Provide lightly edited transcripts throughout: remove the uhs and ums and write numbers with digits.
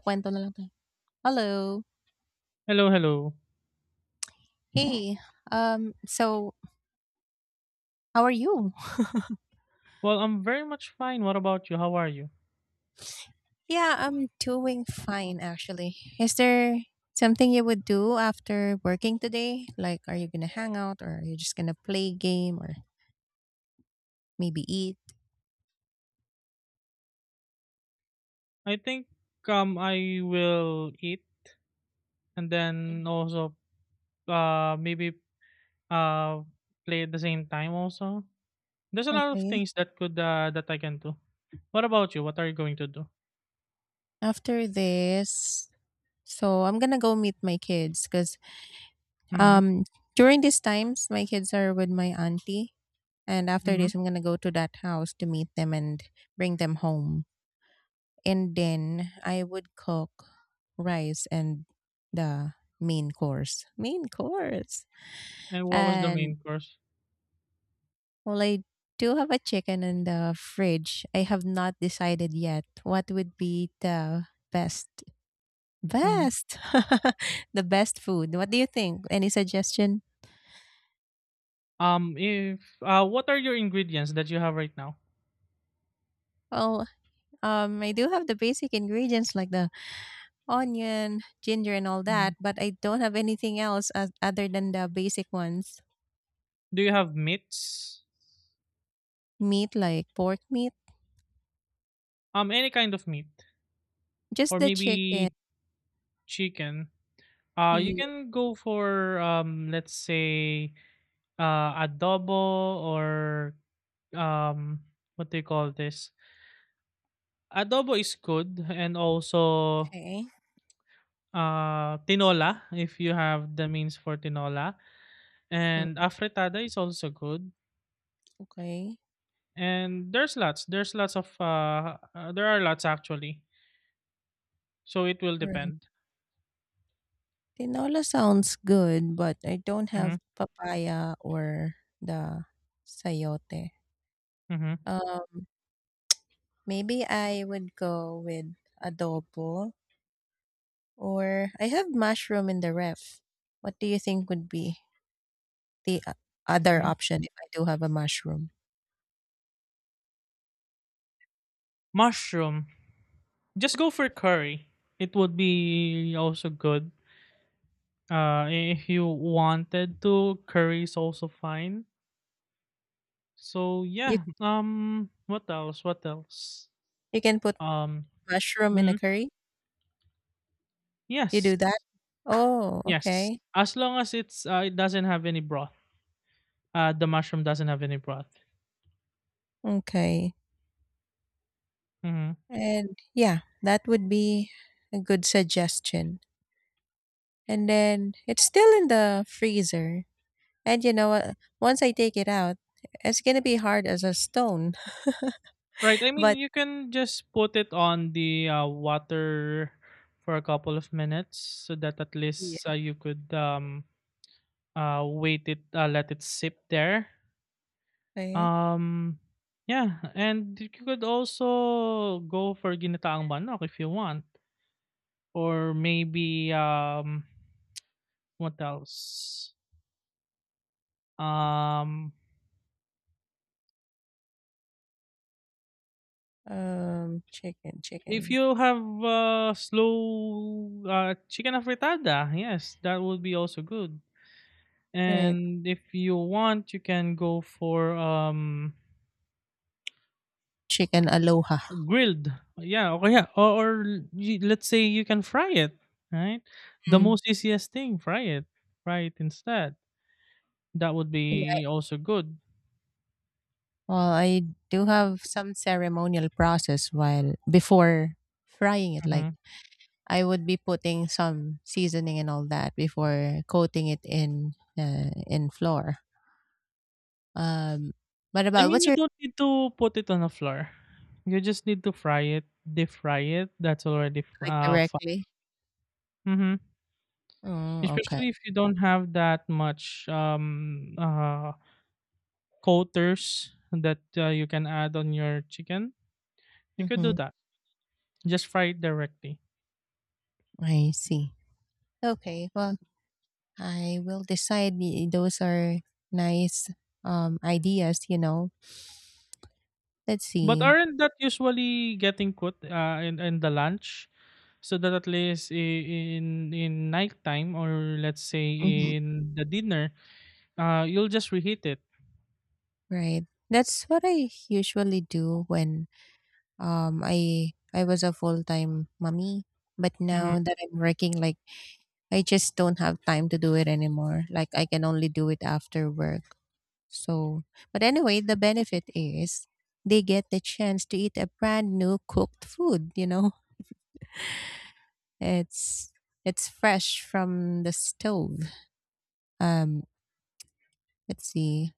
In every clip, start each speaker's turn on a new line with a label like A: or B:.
A: Kwento na lang tayo. Hello.
B: Hello, hello.
A: Hey. So, how are you?
B: Well, I'm very much fine. What about you? How are you?
A: Yeah, I'm doing fine actually. Is there something you would do after working today? Like, are you gonna hang out, or are you just gonna play game, or maybe eat?
B: I think I will eat and then
A: Mhm.
B: also maybe uh play at the same time also. There's a lot of
A: Okay.
B: things that could that I can do. What about you? What are you going to do?
A: After this, so I'm gonna go meet my kids because
B: Mhm.
A: um during these times my kids are with my auntie, and after
B: Mhm.
A: this I'm gonna go to that house to meet them and bring them home. And then I would cook rice and the main course. Main course.
B: And what was the
A: And
B: main course?
A: well, I do have a chicken in the fridge. I have not decided yet what would be the best
B: Mhm.
A: best the best food. What do you think? Any suggestion?
B: If What are your ingredients that you have right now?
A: Well, I do have the basic ingredients like the onion, ginger, and all that,
B: Mhm.
A: but I don't have anything else as, other than the basic ones.
B: Do you have meats?
A: Meat like pork meat.
B: Any kind of meat
A: Just
B: or
A: the chicken,
B: maybe chicken? You
A: please.
B: can go for let's say adobo or um, what do you call this? Adobo is good, and also
A: Okay.
B: tinola if you have the means for tinola,
A: Mm,
B: and afritada is also good.
A: okay.
B: And there are lots actually. So it will
A: All right.
B: depend.
A: Tinola sounds good, but I don't have
B: Mm-hmm,
A: papaya or the sayote.
B: mm-hmm,
A: Uh, maybe I would go with adobo or I have mushroom in the ref. What do you think would be the other
B: mm-hmm.
A: option if I do have a mushroom?
B: Mushroom. Just go for curry. It would be also good. If you wanted to, curry is also fine. So
A: You
B: yeah. What else? What else?
A: you can put
B: Um,
A: mushroom in a
B: mhm.
A: curry? You
B: Yes,
A: do that? Oh,
B: yes.
A: okay.
B: As long as it doesn't have any broth. The mushroom doesn't have any broth.
A: Okay.
B: Mm-hmm.
A: And yeah, that would be a good suggestion. And then it's still in the freezer. And you know what? Once I take it out, it's gonna be hard as a stone.
B: Right. I mean,
A: But
B: you can just put it on the water for a couple of minutes so that at
A: yeah.
B: least you could wait it let it sip there.
A: Okay.
B: Um, yeah, and you could also go for ginataang manok if you want, or maybe what else? Um, if
A: Chicken.
B: you have slow chicken afritada, yes, that would be also good.
A: Right.
B: And if you want, you can go for
A: Chicken aloha.
B: grilled. Yeah, or you, let's say you can fry it, right? The
A: Mm.
B: most easiest thing, fry it instead. That would
A: Yeah.
B: be also good.
A: Well, I do have some ceremonial process while before frying it. Like
B: Mhm.
A: I would be putting some seasoning and all that before coating it in flour. Um, what
B: I
A: about
B: mean,
A: what's
B: you
A: your
B: don't need to put it on the floor. You just need to fry it, deep fry it. That's already
A: like
B: fine.
A: directly?
B: Mhm.
A: Oh, okay.
B: Especially if you don't have that much coaters that you can add on your chicken, you could
A: Mm-hmm.
B: do that. Just fry it directly.
A: I see. Okay. Well, I will decide. Those are nice ideas. Let's
B: But
A: see.
B: aren't that usually getting cooked in the lunch? So that at least in nighttime or let's say
A: Hmm.
B: in the dinner, you'll just reheat it.
A: Right. That's what I usually do when I was a full-time mommy, but
B: Mhm.
A: now that I'm working like I just don't have time to do it anymore. Like I can only do it after work. So, but anyway, the benefit is they get the chance to eat a brand new cooked food. It's it's fresh from the stove. Um, let's see.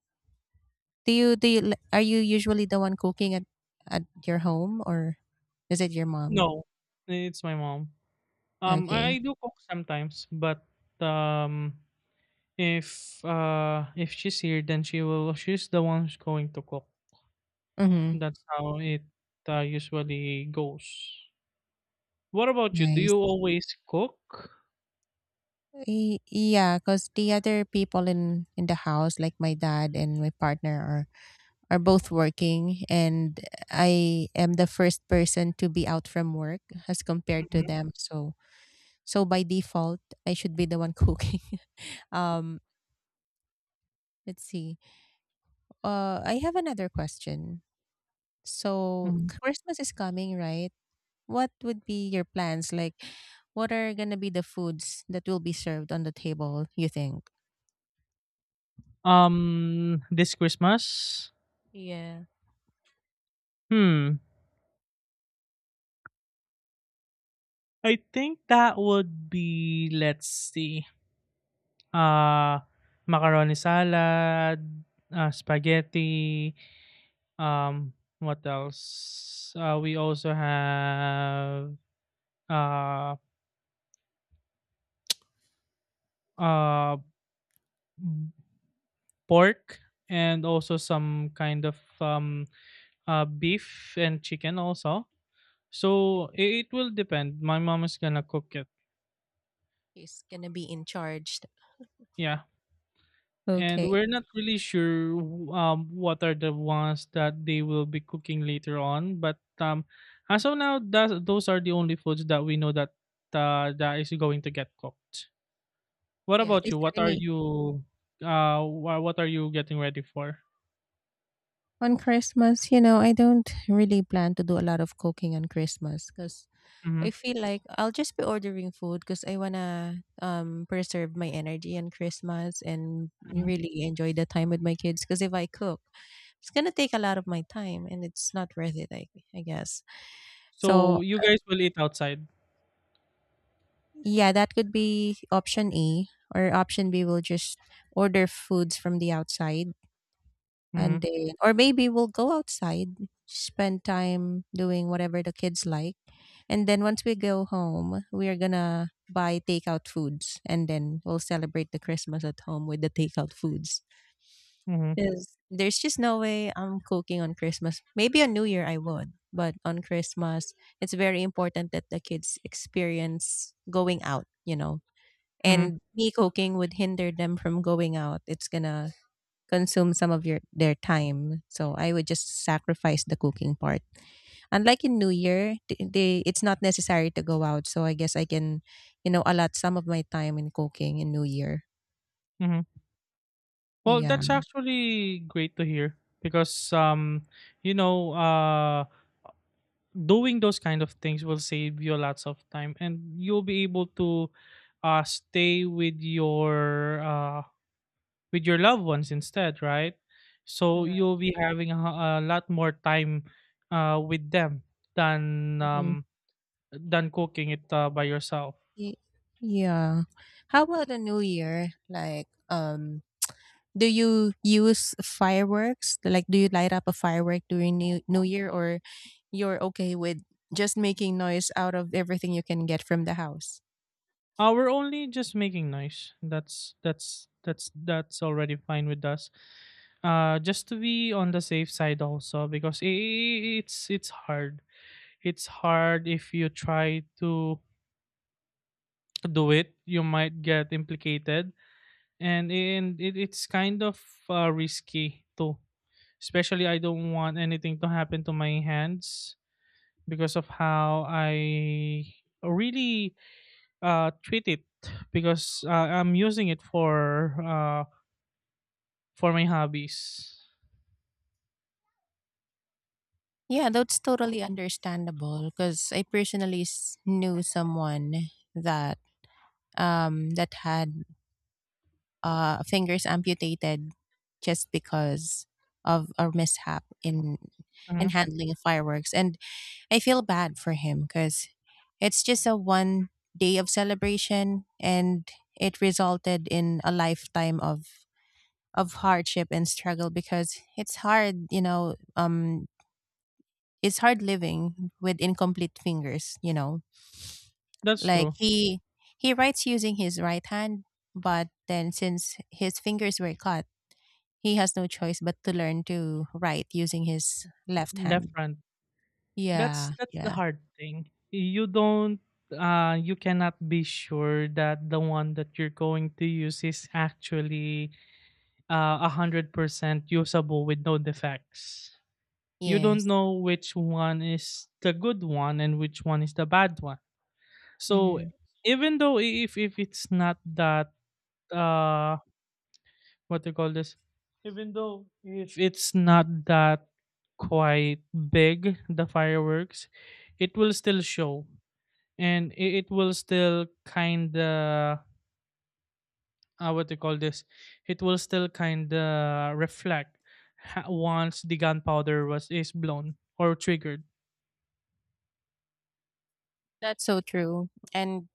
A: Do you do you, are you usually the one cooking at your home or is it your mom?
B: No, it's my mom. I,
A: Okay.
B: I do cook sometimes, but um, if if she's here, then she will. She's the one who's going to cook.
A: Mhm.
B: That's how it usually goes. What about you? Do
A: Nice.
B: you always cook?
A: Yeah, cuz the other people in the house like my dad and my partner are both working and I am the first person to be out from work as compared to
B: Mhm,
A: them. So so by default I should be the one cooking. um let's see. Uh, I have another question. So
B: mhm.
A: Christmas is coming, right? What would be your plans? Like what are gonna be the foods that will be served on the table, you think?
B: This Christmas.
A: Yeah.
B: Hmm. I think that would be. Let's see. Ah, macaroni salad, ah, spaghetti, um, what else? We also have uh, uh, b- pork and also some kind of beef and chicken also. So it will depend. My mom is gonna cook it.
A: He's gonna be in charge.
B: Yeah. And
A: Okay.
B: we're not really sure what are the ones that they will be cooking later on. But as of now, those are the only foods that we know that is going to get cooked. What
A: Yeah.
B: about
A: Is
B: you?
A: there any?
B: What are you getting ready for?
A: On Christmas, you know, I don't really plan to do a lot of cooking on Christmas because I
B: Hmm.
A: feel like I'll just be ordering food because I wanna preserve my energy on Christmas and
B: Hmm.
A: really enjoy the time with my kids. Because if I cook, it's gonna take a lot of my time and it's not worth it. I guess so.
B: So you guys will eat outside.
A: Yeah, that could be option E or option B. We'll just order foods from the outside. And
B: Hmm.
A: then, or maybe we'll go outside, spend time doing whatever the kids like. And then once we go home, we are gonna buy takeout foods and then we'll celebrate the Christmas at home with the takeout foods.
B: Hmm.
A: Because there's just no way I'm cooking on Christmas. Maybe on New Year I would, but on Christmas, it's very important that the kids experience going out, you know.
B: Hmm.
A: And me cooking would hinder them from going out. It's gonna consume some of your their time. So I would just sacrifice the cooking part. Unlike in New Year, they it's not necessary to go out. So I guess I can, you know, allot some of my time in cooking in New Year.
B: Hmm. Well, that's
A: Yeah.
B: actually great to hear because you know uh doing those kind of things will save you lots of time, and you'll be able to stay with your loved ones instead, right? So
A: Right.
B: you'll be having a lot more time with them than
A: Mm-hmm.
B: um than cooking it by yourself.
A: Y- Yeah. How about the New Year? Like, do you use fireworks? Like, do you light up a firework during New New Year, or you're okay with just making noise out of everything you can get from the house?
B: Uh we're only just making noise. That's already fine with us. Just to be on the safe side also, because it's hard. It's hard. If you try to do it, you might get implicated, and it's kind of risky too, especially I don't want anything to happen to my hands, because of how I really treat it, because I'm using it for my hobbies.
A: Yeah, that's totally understandable because I personally knew someone that that had fingers amputated just because of a mishap in
B: Mhm.
A: handling fireworks, and I feel bad for him because it's just a one day of celebration and it resulted in a lifetime of hardship and struggle because it's hard, you know. It's hard living with incomplete fingers, you know.
B: That's
A: Like
B: true.
A: he writes using his right hand, but then since his fingers were cut, he has no choice but to learn to write using his left
B: Left
A: hand.
B: hand. That's
A: Yeah,
B: that's the
A: yeah.
B: hard thing. You cannot be sure that the one that you're going to use is actually 100% usable with no defects. You don't
A: Yes.
B: know which one is the good one and which one is the bad one. So
A: Hmm.
B: even though if it's not that uh what do you call this? Even though if it's not that quite big the fireworks, it will still show, and it will still kind of what do you call this? It will still kind of reflect once the gunpowder was is blown or triggered.
A: That's so true. And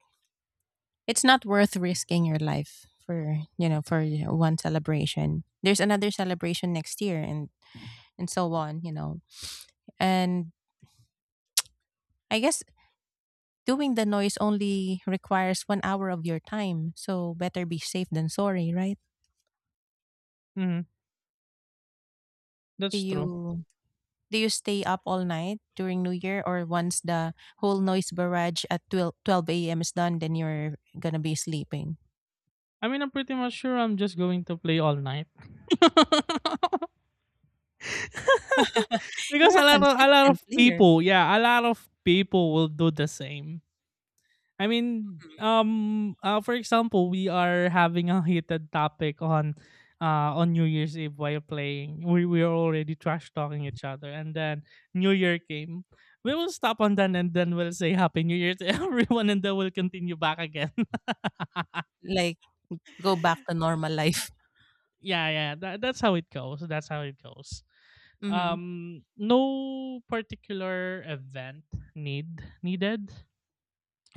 A: it's not worth risking your life for, you know, for one celebration. There's another celebration next year and so on, you know. And I guess doing the noise only requires one hour of your time. So better be safe than sorry, right?
B: Hmm.
A: Do
B: That's
A: you
B: true.
A: do you stay up all night during New Year or once the whole noise barrage at 12:12 a.m. is done, then you're gonna be sleeping?
B: I mean, I'm pretty much sure I'm just going to play all night. Because
A: You're a
B: a lot of
A: consistent player.
B: people, yeah, a lot of people will do the same. I mean,
A: Mhm.
B: for example, we are having a heated topic on New Year's Eve while playing. We are already trash talking each other, and then New Year came. We will stop on that, and then we'll say Happy New Year to everyone, and then we'll continue back again.
A: Like go back to normal life.
B: Yeah, yeah, that's how it goes. That's how it goes.
A: Hmm.
B: No particular event needed,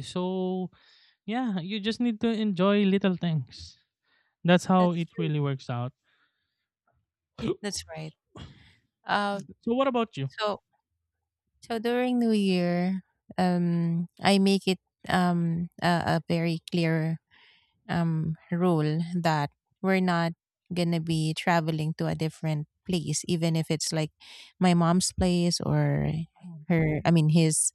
B: so yeah, you just need to enjoy little things. That's how
A: That's
B: it
A: true.
B: really works out. So,
A: That's right. Um
B: what about you?
A: so so during New Year, I make it a very clear rule that we're not gonna be traveling to a different place even if it's like my mom's place or her I mean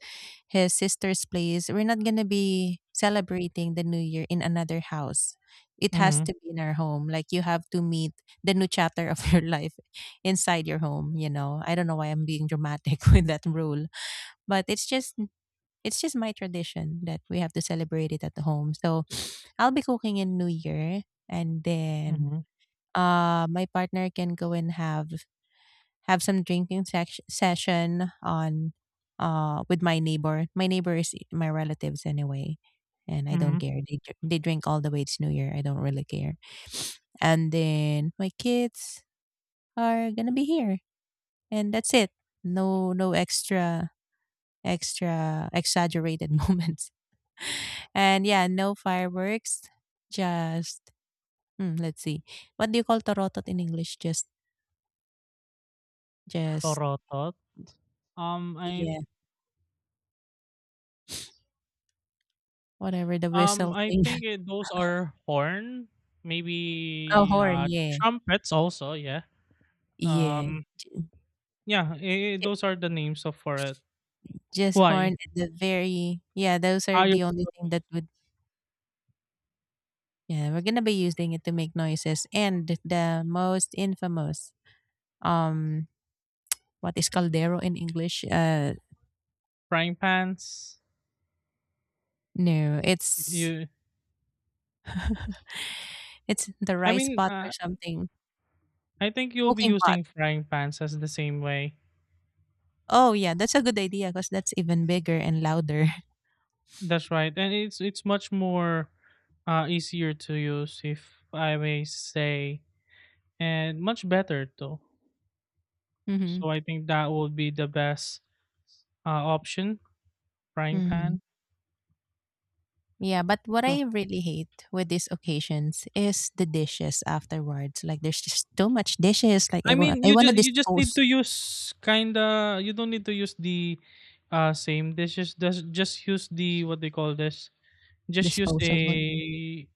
A: his sister's place. We're not gonna be celebrating the new year in another house. It has
B: Mm-hmm,
A: to be in our home. Like you have to meet the new chapter of your life inside your home. You know, I don't know why I'm being dramatic with that rule, but it's just my tradition that we have to celebrate it at home. So I'll be cooking in New Year and then
B: mm-hmm,
A: my partner can go and have some drinking session on with my neighbor. My neighbor is my relatives anyway. And I don't
B: mm-hmm.
A: care. They they drink all the way it's New Year. I don't really care. And then my kids are gonna be here, and that's it. No, extra exaggerated moments. And yeah, no fireworks. Just mm, let's see. What do you call torotot in English? Just
B: Torotot. um i
A: yeah, whatever the
B: um
A: whistle
B: i
A: thing.
B: think those are horn,
A: Oh,
B: maybe
A: horn, yeah.
B: trumpets also, yeah.
A: Yeah.
B: um
A: Ju-
B: yeah,
A: ju-
B: those are the names of for it.
A: Just horn
B: Why
A: and the very yeah, those are
B: are you?
A: the only thing that would yeah, we're gonna be using it to make noises. And the most infamous um what is caldero in English?
B: Frying pans.
A: No, it's
B: You
A: it's the
B: I
A: rice
B: mean,
A: pot or something.
B: I think you'll be
A: Cooking pot.
B: using frying pans as the same way.
A: Oh, yeah, that's a good idea because that's even bigger and louder.
B: That's right, and it's much more easier to use, if I may say, and much better too.
A: Mm-hmm.
B: So I think that would be the best option, frying
A: Mm-hmm.
B: pan.
A: Yeah, but what
B: So
A: I really hate with these occasions is the dishes afterwards. Like there's just too much dishes. Like
B: I mean,
A: I
B: you
A: want to
B: just you just need
A: dispose
B: to use kinda. You don't need to use the same dishes. Just use the, what they call this. Just use
A: disposable.
B: a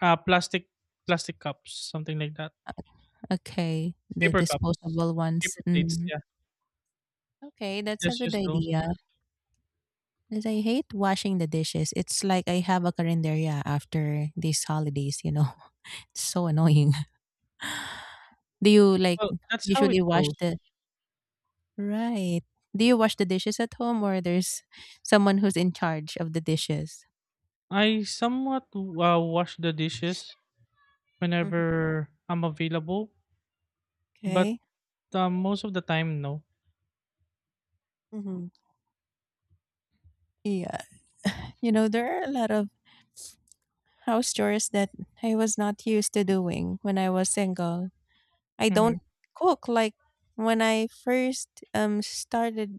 B: uh, plastic plastic cups, something like that.
A: Okay, the
B: Paper cups,
A: disposable ones.
B: paper plates,
A: Hmm.
B: yeah,
A: Okay, that's a
B: just
A: good
B: just those.
A: idea. 'Cause I hate washing the dishes. It's like I have a carinderia after these holidays, you know. It's so annoying. Do you like
B: Well, that's how it
A: usually wash
B: goes.
A: the Right. Do you wash the dishes at home or there's someone who's in charge of the dishes?
B: I somewhat wash the dishes
A: Mhm.
B: whenever I'm available, but
A: Okay.
B: most of the time, no.
A: Hmm. Yeah. You know, there are a lot of house chores that I was not used to doing when I was single. I don't
B: Hmm.
A: cook like when I first started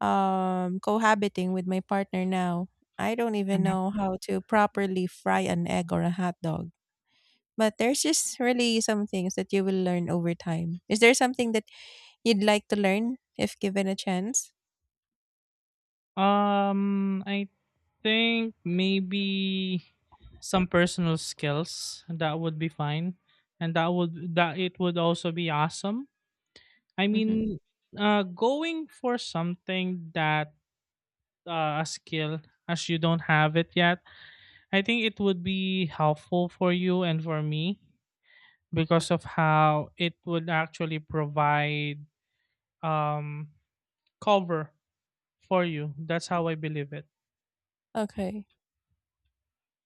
A: cohabiting with my partner now, I don't even
B: Hmm.
A: know how to properly fry an egg or a hot dog. But there's just really some things that you will learn over time. Is there something that you'd like to learn if given a chance?
B: I think maybe some personal skills that would be fine, and that it would also be awesome. I
A: Hmm.
B: mean, going for something that a skill as you don't have it yet. I think it would be helpful for you and for me because of how it would actually provide um, cover for you. That's how I believe it.
A: Okay,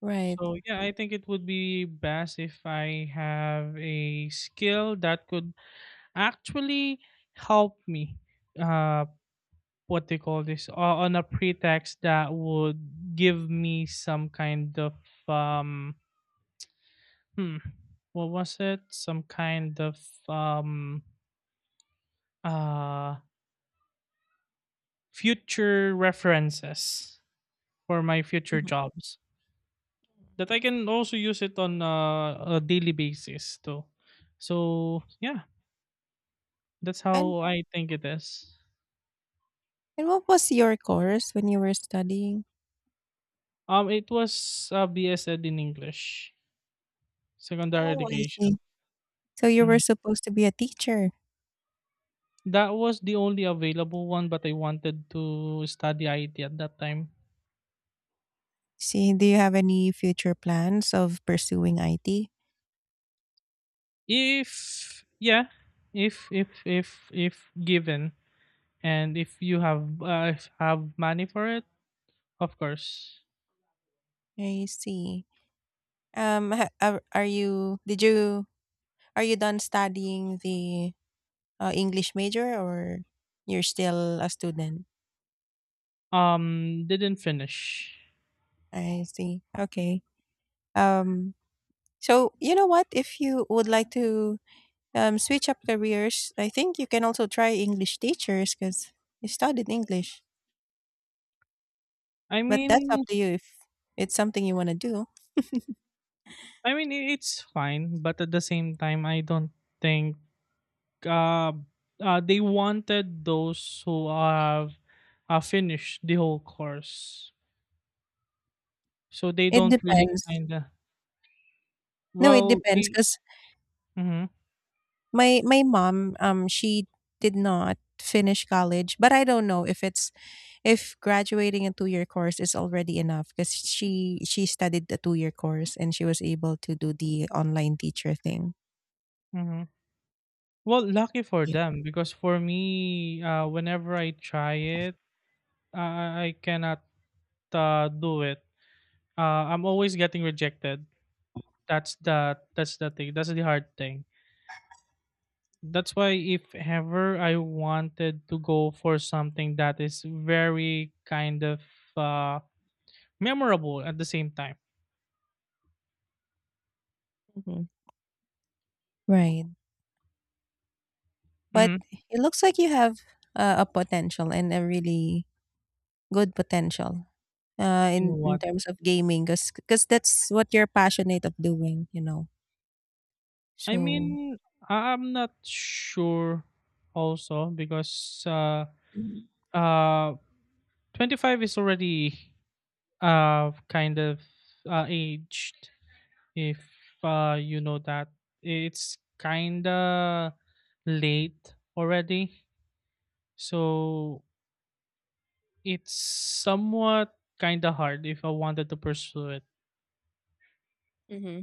A: right.
B: So, yeah, I think it would be best if I have a skill that could actually help me. Uh, what they call this, on a pretext that would give me some kind of um, hmm, what was it? Some kind of um uh, future references for my future
A: Mhm.
B: jobs that I can also use it on a daily basis too. So yeah, that's
A: And
B: how I think it is.
A: and what was your course when you were studying?
B: It was BS Ed in English, secondary
A: Oh, I
B: education.
A: see. So you were
B: Mhm.
A: supposed to be a teacher.
B: That was the only available one, but I wanted to study IT at that time.
A: See, do you have any future plans of pursuing IT?
B: If, yeah, if given, and if you have money for it, of course.
A: I see. Um, ha- are are you did you are you done studying the English major or you're still a student?
B: Didn't finish.
A: I see. Okay. Um, so you know what? If you would like to switch up careers, I think you can also try English teachers because you studied English.
B: I
A: But that's up
B: mean,
A: to you if it's something you want to do.
B: it's fine, but at the same time, I don't think uh, they wanted those who have finished the whole course, so they
A: It
B: don't really
A: depends.
B: kind of
A: No, it
B: well.
A: depends because
B: Mm-hmm,
A: my mom she did not finish college, but I don't know if it's if graduating a two-year course is already enough because she studied the two-year course and she was able to do the online teacher thing.
B: mm-hmm. Well, lucky for
A: Yeah.
B: them because for me, whenever I try it, I cannot do it. I'm always getting rejected. That's the thing. That's the hard thing. That's why if ever I wanted to go for something that is very kind of uh, memorable at the same time.
A: Mhm. Right. But
B: Hmm.
A: it looks like you have a potential and a really good potential uh,
B: In
A: in, in
B: what?
A: terms of gaming because that's what you're passionate of doing, you know.
B: I
A: So
B: mean, I'm not sure also because uh, 25 is already kind of aged. If you know that, it's kinda late already. So it's somewhat kind of hard if I wanted to pursue it.
A: mm-hmm.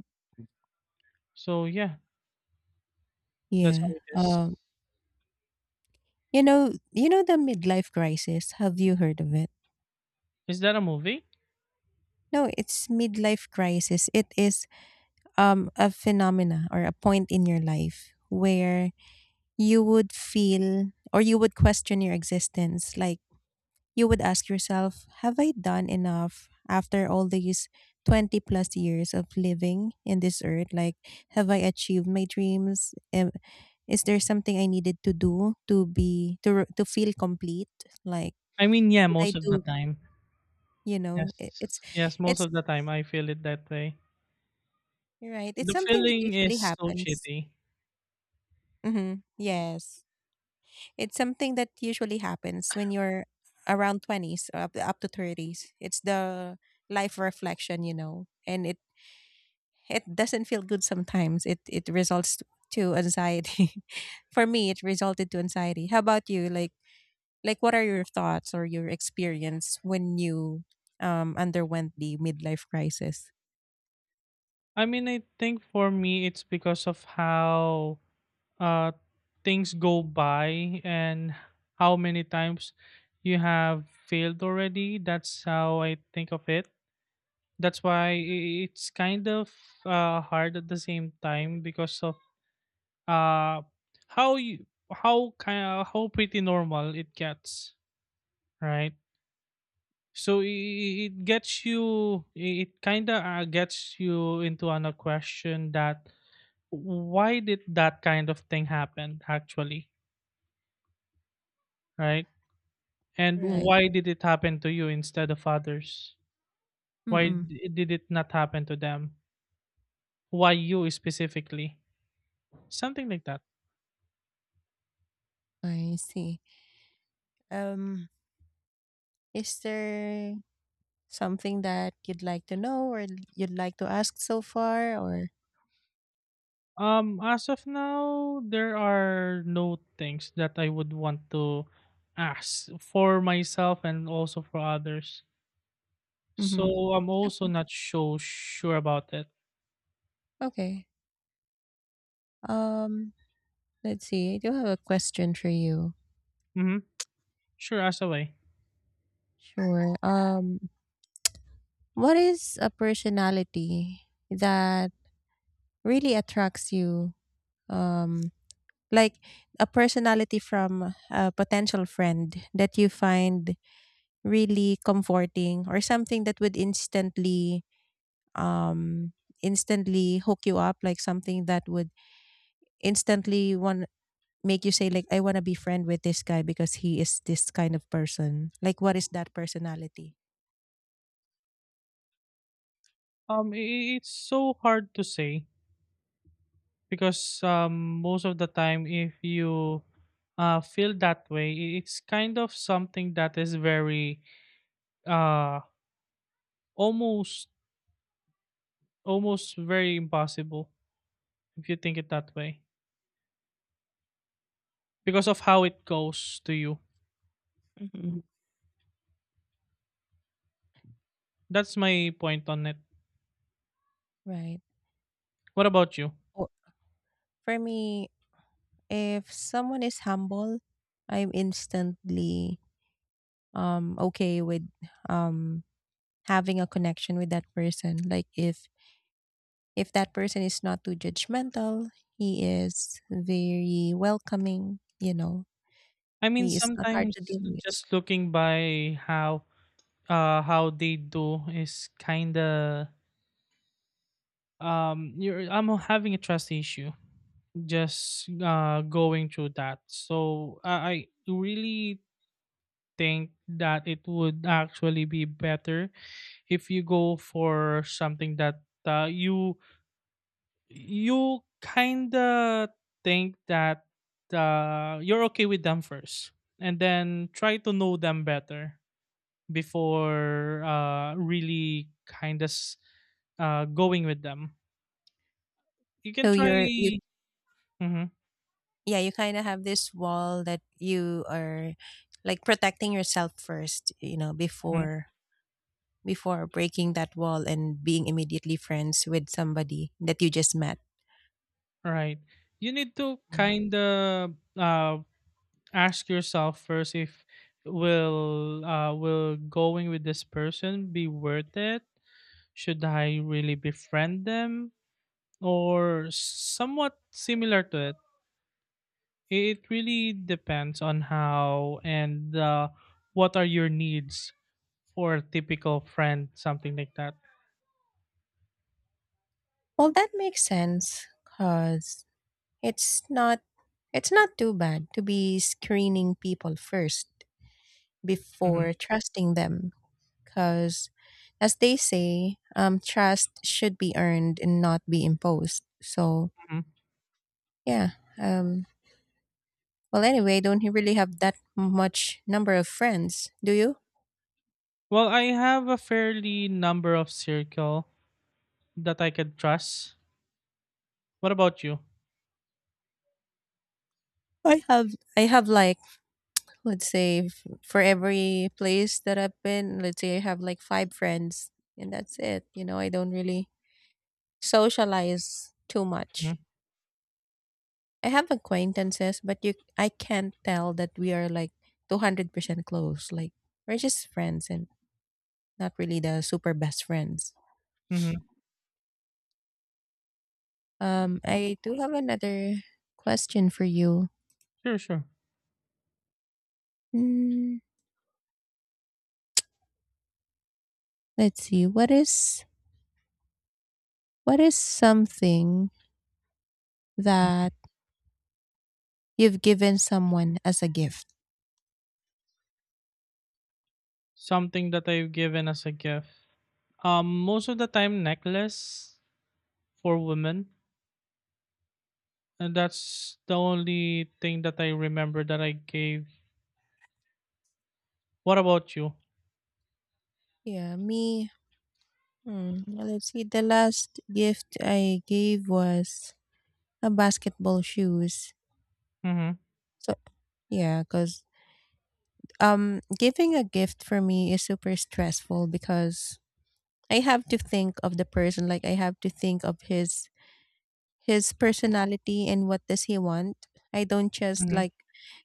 B: So yeah, that's
A: Yeah,
B: how it is.
A: you know, the midlife crisis, have you heard of it?
B: Is that a movie?
A: No, it's midlife crisis. It is a phenomena or a point in your life where you would feel or you would question your existence. Like, you would ask yourself, have I done enough after all these 20 plus years of living in this earth? Like, have I achieved my dreams? Is there something I needed to do to be to feel complete? Like,
B: I mean, yeah,
A: did I
B: most of the
A: do?
B: time.
A: You know, it,
B: Yes. Yes, most
A: it's
B: of the time I feel it that way.
A: right. It's
B: The
A: something that
B: feeling is
A: usually
B: so
A: happens.
B: shitty.
A: Mm-hmm. Yes. It's something that usually happens when you're around 20s or up to 30s. It's the life reflection, you know. And it doesn't feel good sometimes. It results to anxiety. For me, it resulted to anxiety. How about you? Like what are your thoughts or your experience when you underwent the midlife crisis?
B: I mean, I think for me it's because of how uh, things go by and how many times you have failed already. That's how I think of it. That's why it's kind of hard at the same time because of uh, how you how kind of, how pretty normal it gets, right? So it gets you. It kind of gets you into on a question that why did that kind of thing happen actually, right? And
A: Right.
B: why did it happen to you instead of others? Why
A: Mm-mm.
B: did it not happen to them? Why you specifically? Something like that.
A: I see. Um, is there something that you'd like to know or you'd like to ask so far? Or
B: As of now, there are no things that I would want to ask for myself and also for others.
A: mhm.
B: So I'm also
A: Okay.
B: not so sure about it.
A: Okay. Um, let's see. I do have a question for you.
B: Mm-hmm. Sure, as away.
A: Sure. What is a personality that really attracts you? Um, like a personality from a potential friend that you find really comforting, or something that would instantly um instantly hook you up, like something that would instantly want make you say like, I want to be friend with this guy because he is this kind of person. Like, what is that personality?
B: It's so hard to say because most of the time if you feel that way it's kind of something that is very uh, almost almost very impossible if you think it that way because of how it goes to you.
A: Mhm.
B: That's my point on it.
A: Right.
B: What about you?
A: Or for me, if someone is humble, I'm instantly okay with um having a connection with that person. Like, if that person is not too judgmental, he is very welcoming, you know,
B: I mean
A: he is not hard to
B: sometimes
A: deal with.
B: just looking by how they do is kind of you're I'm having a trust issue. Just going through that. So I really think that it would actually be better if you go for something that you kind of think that you're okay with them first, and then try to know them better before really kind of going with them. You can
A: So you're you
B: try. Mhm,
A: yeah, you kind of have this wall that you are like protecting yourself first, you know,
B: mhm.
A: before breaking that wall and being immediately friends with somebody that you just met.
B: Right. You need to
A: Mm.
B: kind of ask yourself first if will going with this person be worth it? Should I really befriend them or somewhat similar to it? It really depends on how and what are your needs for a typical friend, something like that.
A: Well, that makes sense, cuz it's not, it's not too bad to be screening people first
B: Mhm,
A: before trusting them, because, as they say, trust should be earned and not be imposed. So,
B: mhm.
A: yeah. Well, anyway, don't you really have that much number of friends, do you?
B: Well, I have a fairly number of circle that I could trust. What about you?
A: I have like, let's say for every place that I've been, let's say I have like 5 friends and that's it. You know, I don't really socialize too
B: Hmm.
A: much. I have acquaintances, but you I can't tell that we are like 200% close. Like, we're just friends and not really the super best friends.
B: Hmm.
A: Um, I do have another question for you.
B: Sure, sure.
A: Mm, let's see. What is something that you've given someone as a gift?
B: Something that I've given as a gift. Most of the time, necklace for women, and that's the only thing that I remember that I gave. What about you?
A: Yeah, me. Hmm, well, let's see. The last gift I gave was a basketball shoes.
B: Mm-hmm.
A: So yeah, cuz giving a gift for me is super stressful because I have to think of the person. Like, I have to think of his personality and what does he want. I don't just
B: Mm-hmm.
A: like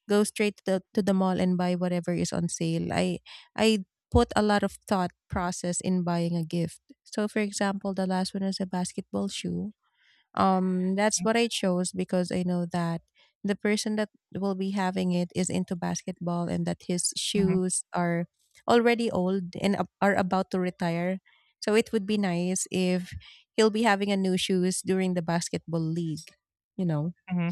A: go straight to to the mall and buy whatever is on sale. I put a lot of thought process in buying a gift. So for example, the last one is a basketball shoe, that's what I chose because I know that the person that will be having it is into basketball and that his
B: Mm-hmm.
A: shoes are already old and are about to retire. So it would be nice if he'll be having a new shoes during the basketball league, you know.
B: Mm-hmm.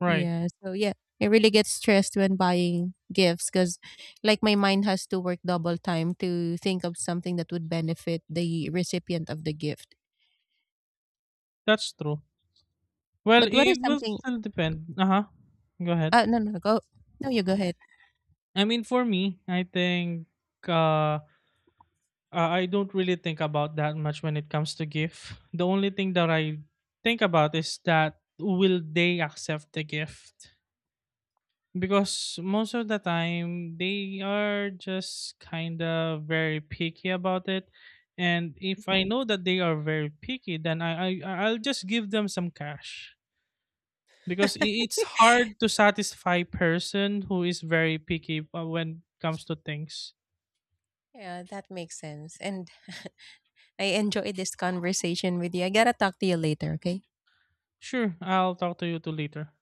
B: Right.
A: Yeah, so yeah, I really get stressed when buying gifts because like my mind has to work double time to think of something that would benefit the recipient of the gift.
B: That's true. Well,
A: But what is
B: it will
A: something
B: still depend. Uh huh. Go ahead.
A: no no go no you go ahead.
B: I mean, for me, I think uh, I don't really think about that much when it comes to gift. The only thing that I think about is that will they accept the gift? Because most of the time they are just kind of very picky about it, and if I know that they are very picky then I'll just give them some cash, because it's hard to satisfy person who is very picky when it comes to things.
A: Yeah, that makes sense. And I enjoyed this conversation with you. I gotta talk to you later, okay?
B: Sure, I'll talk to you too later.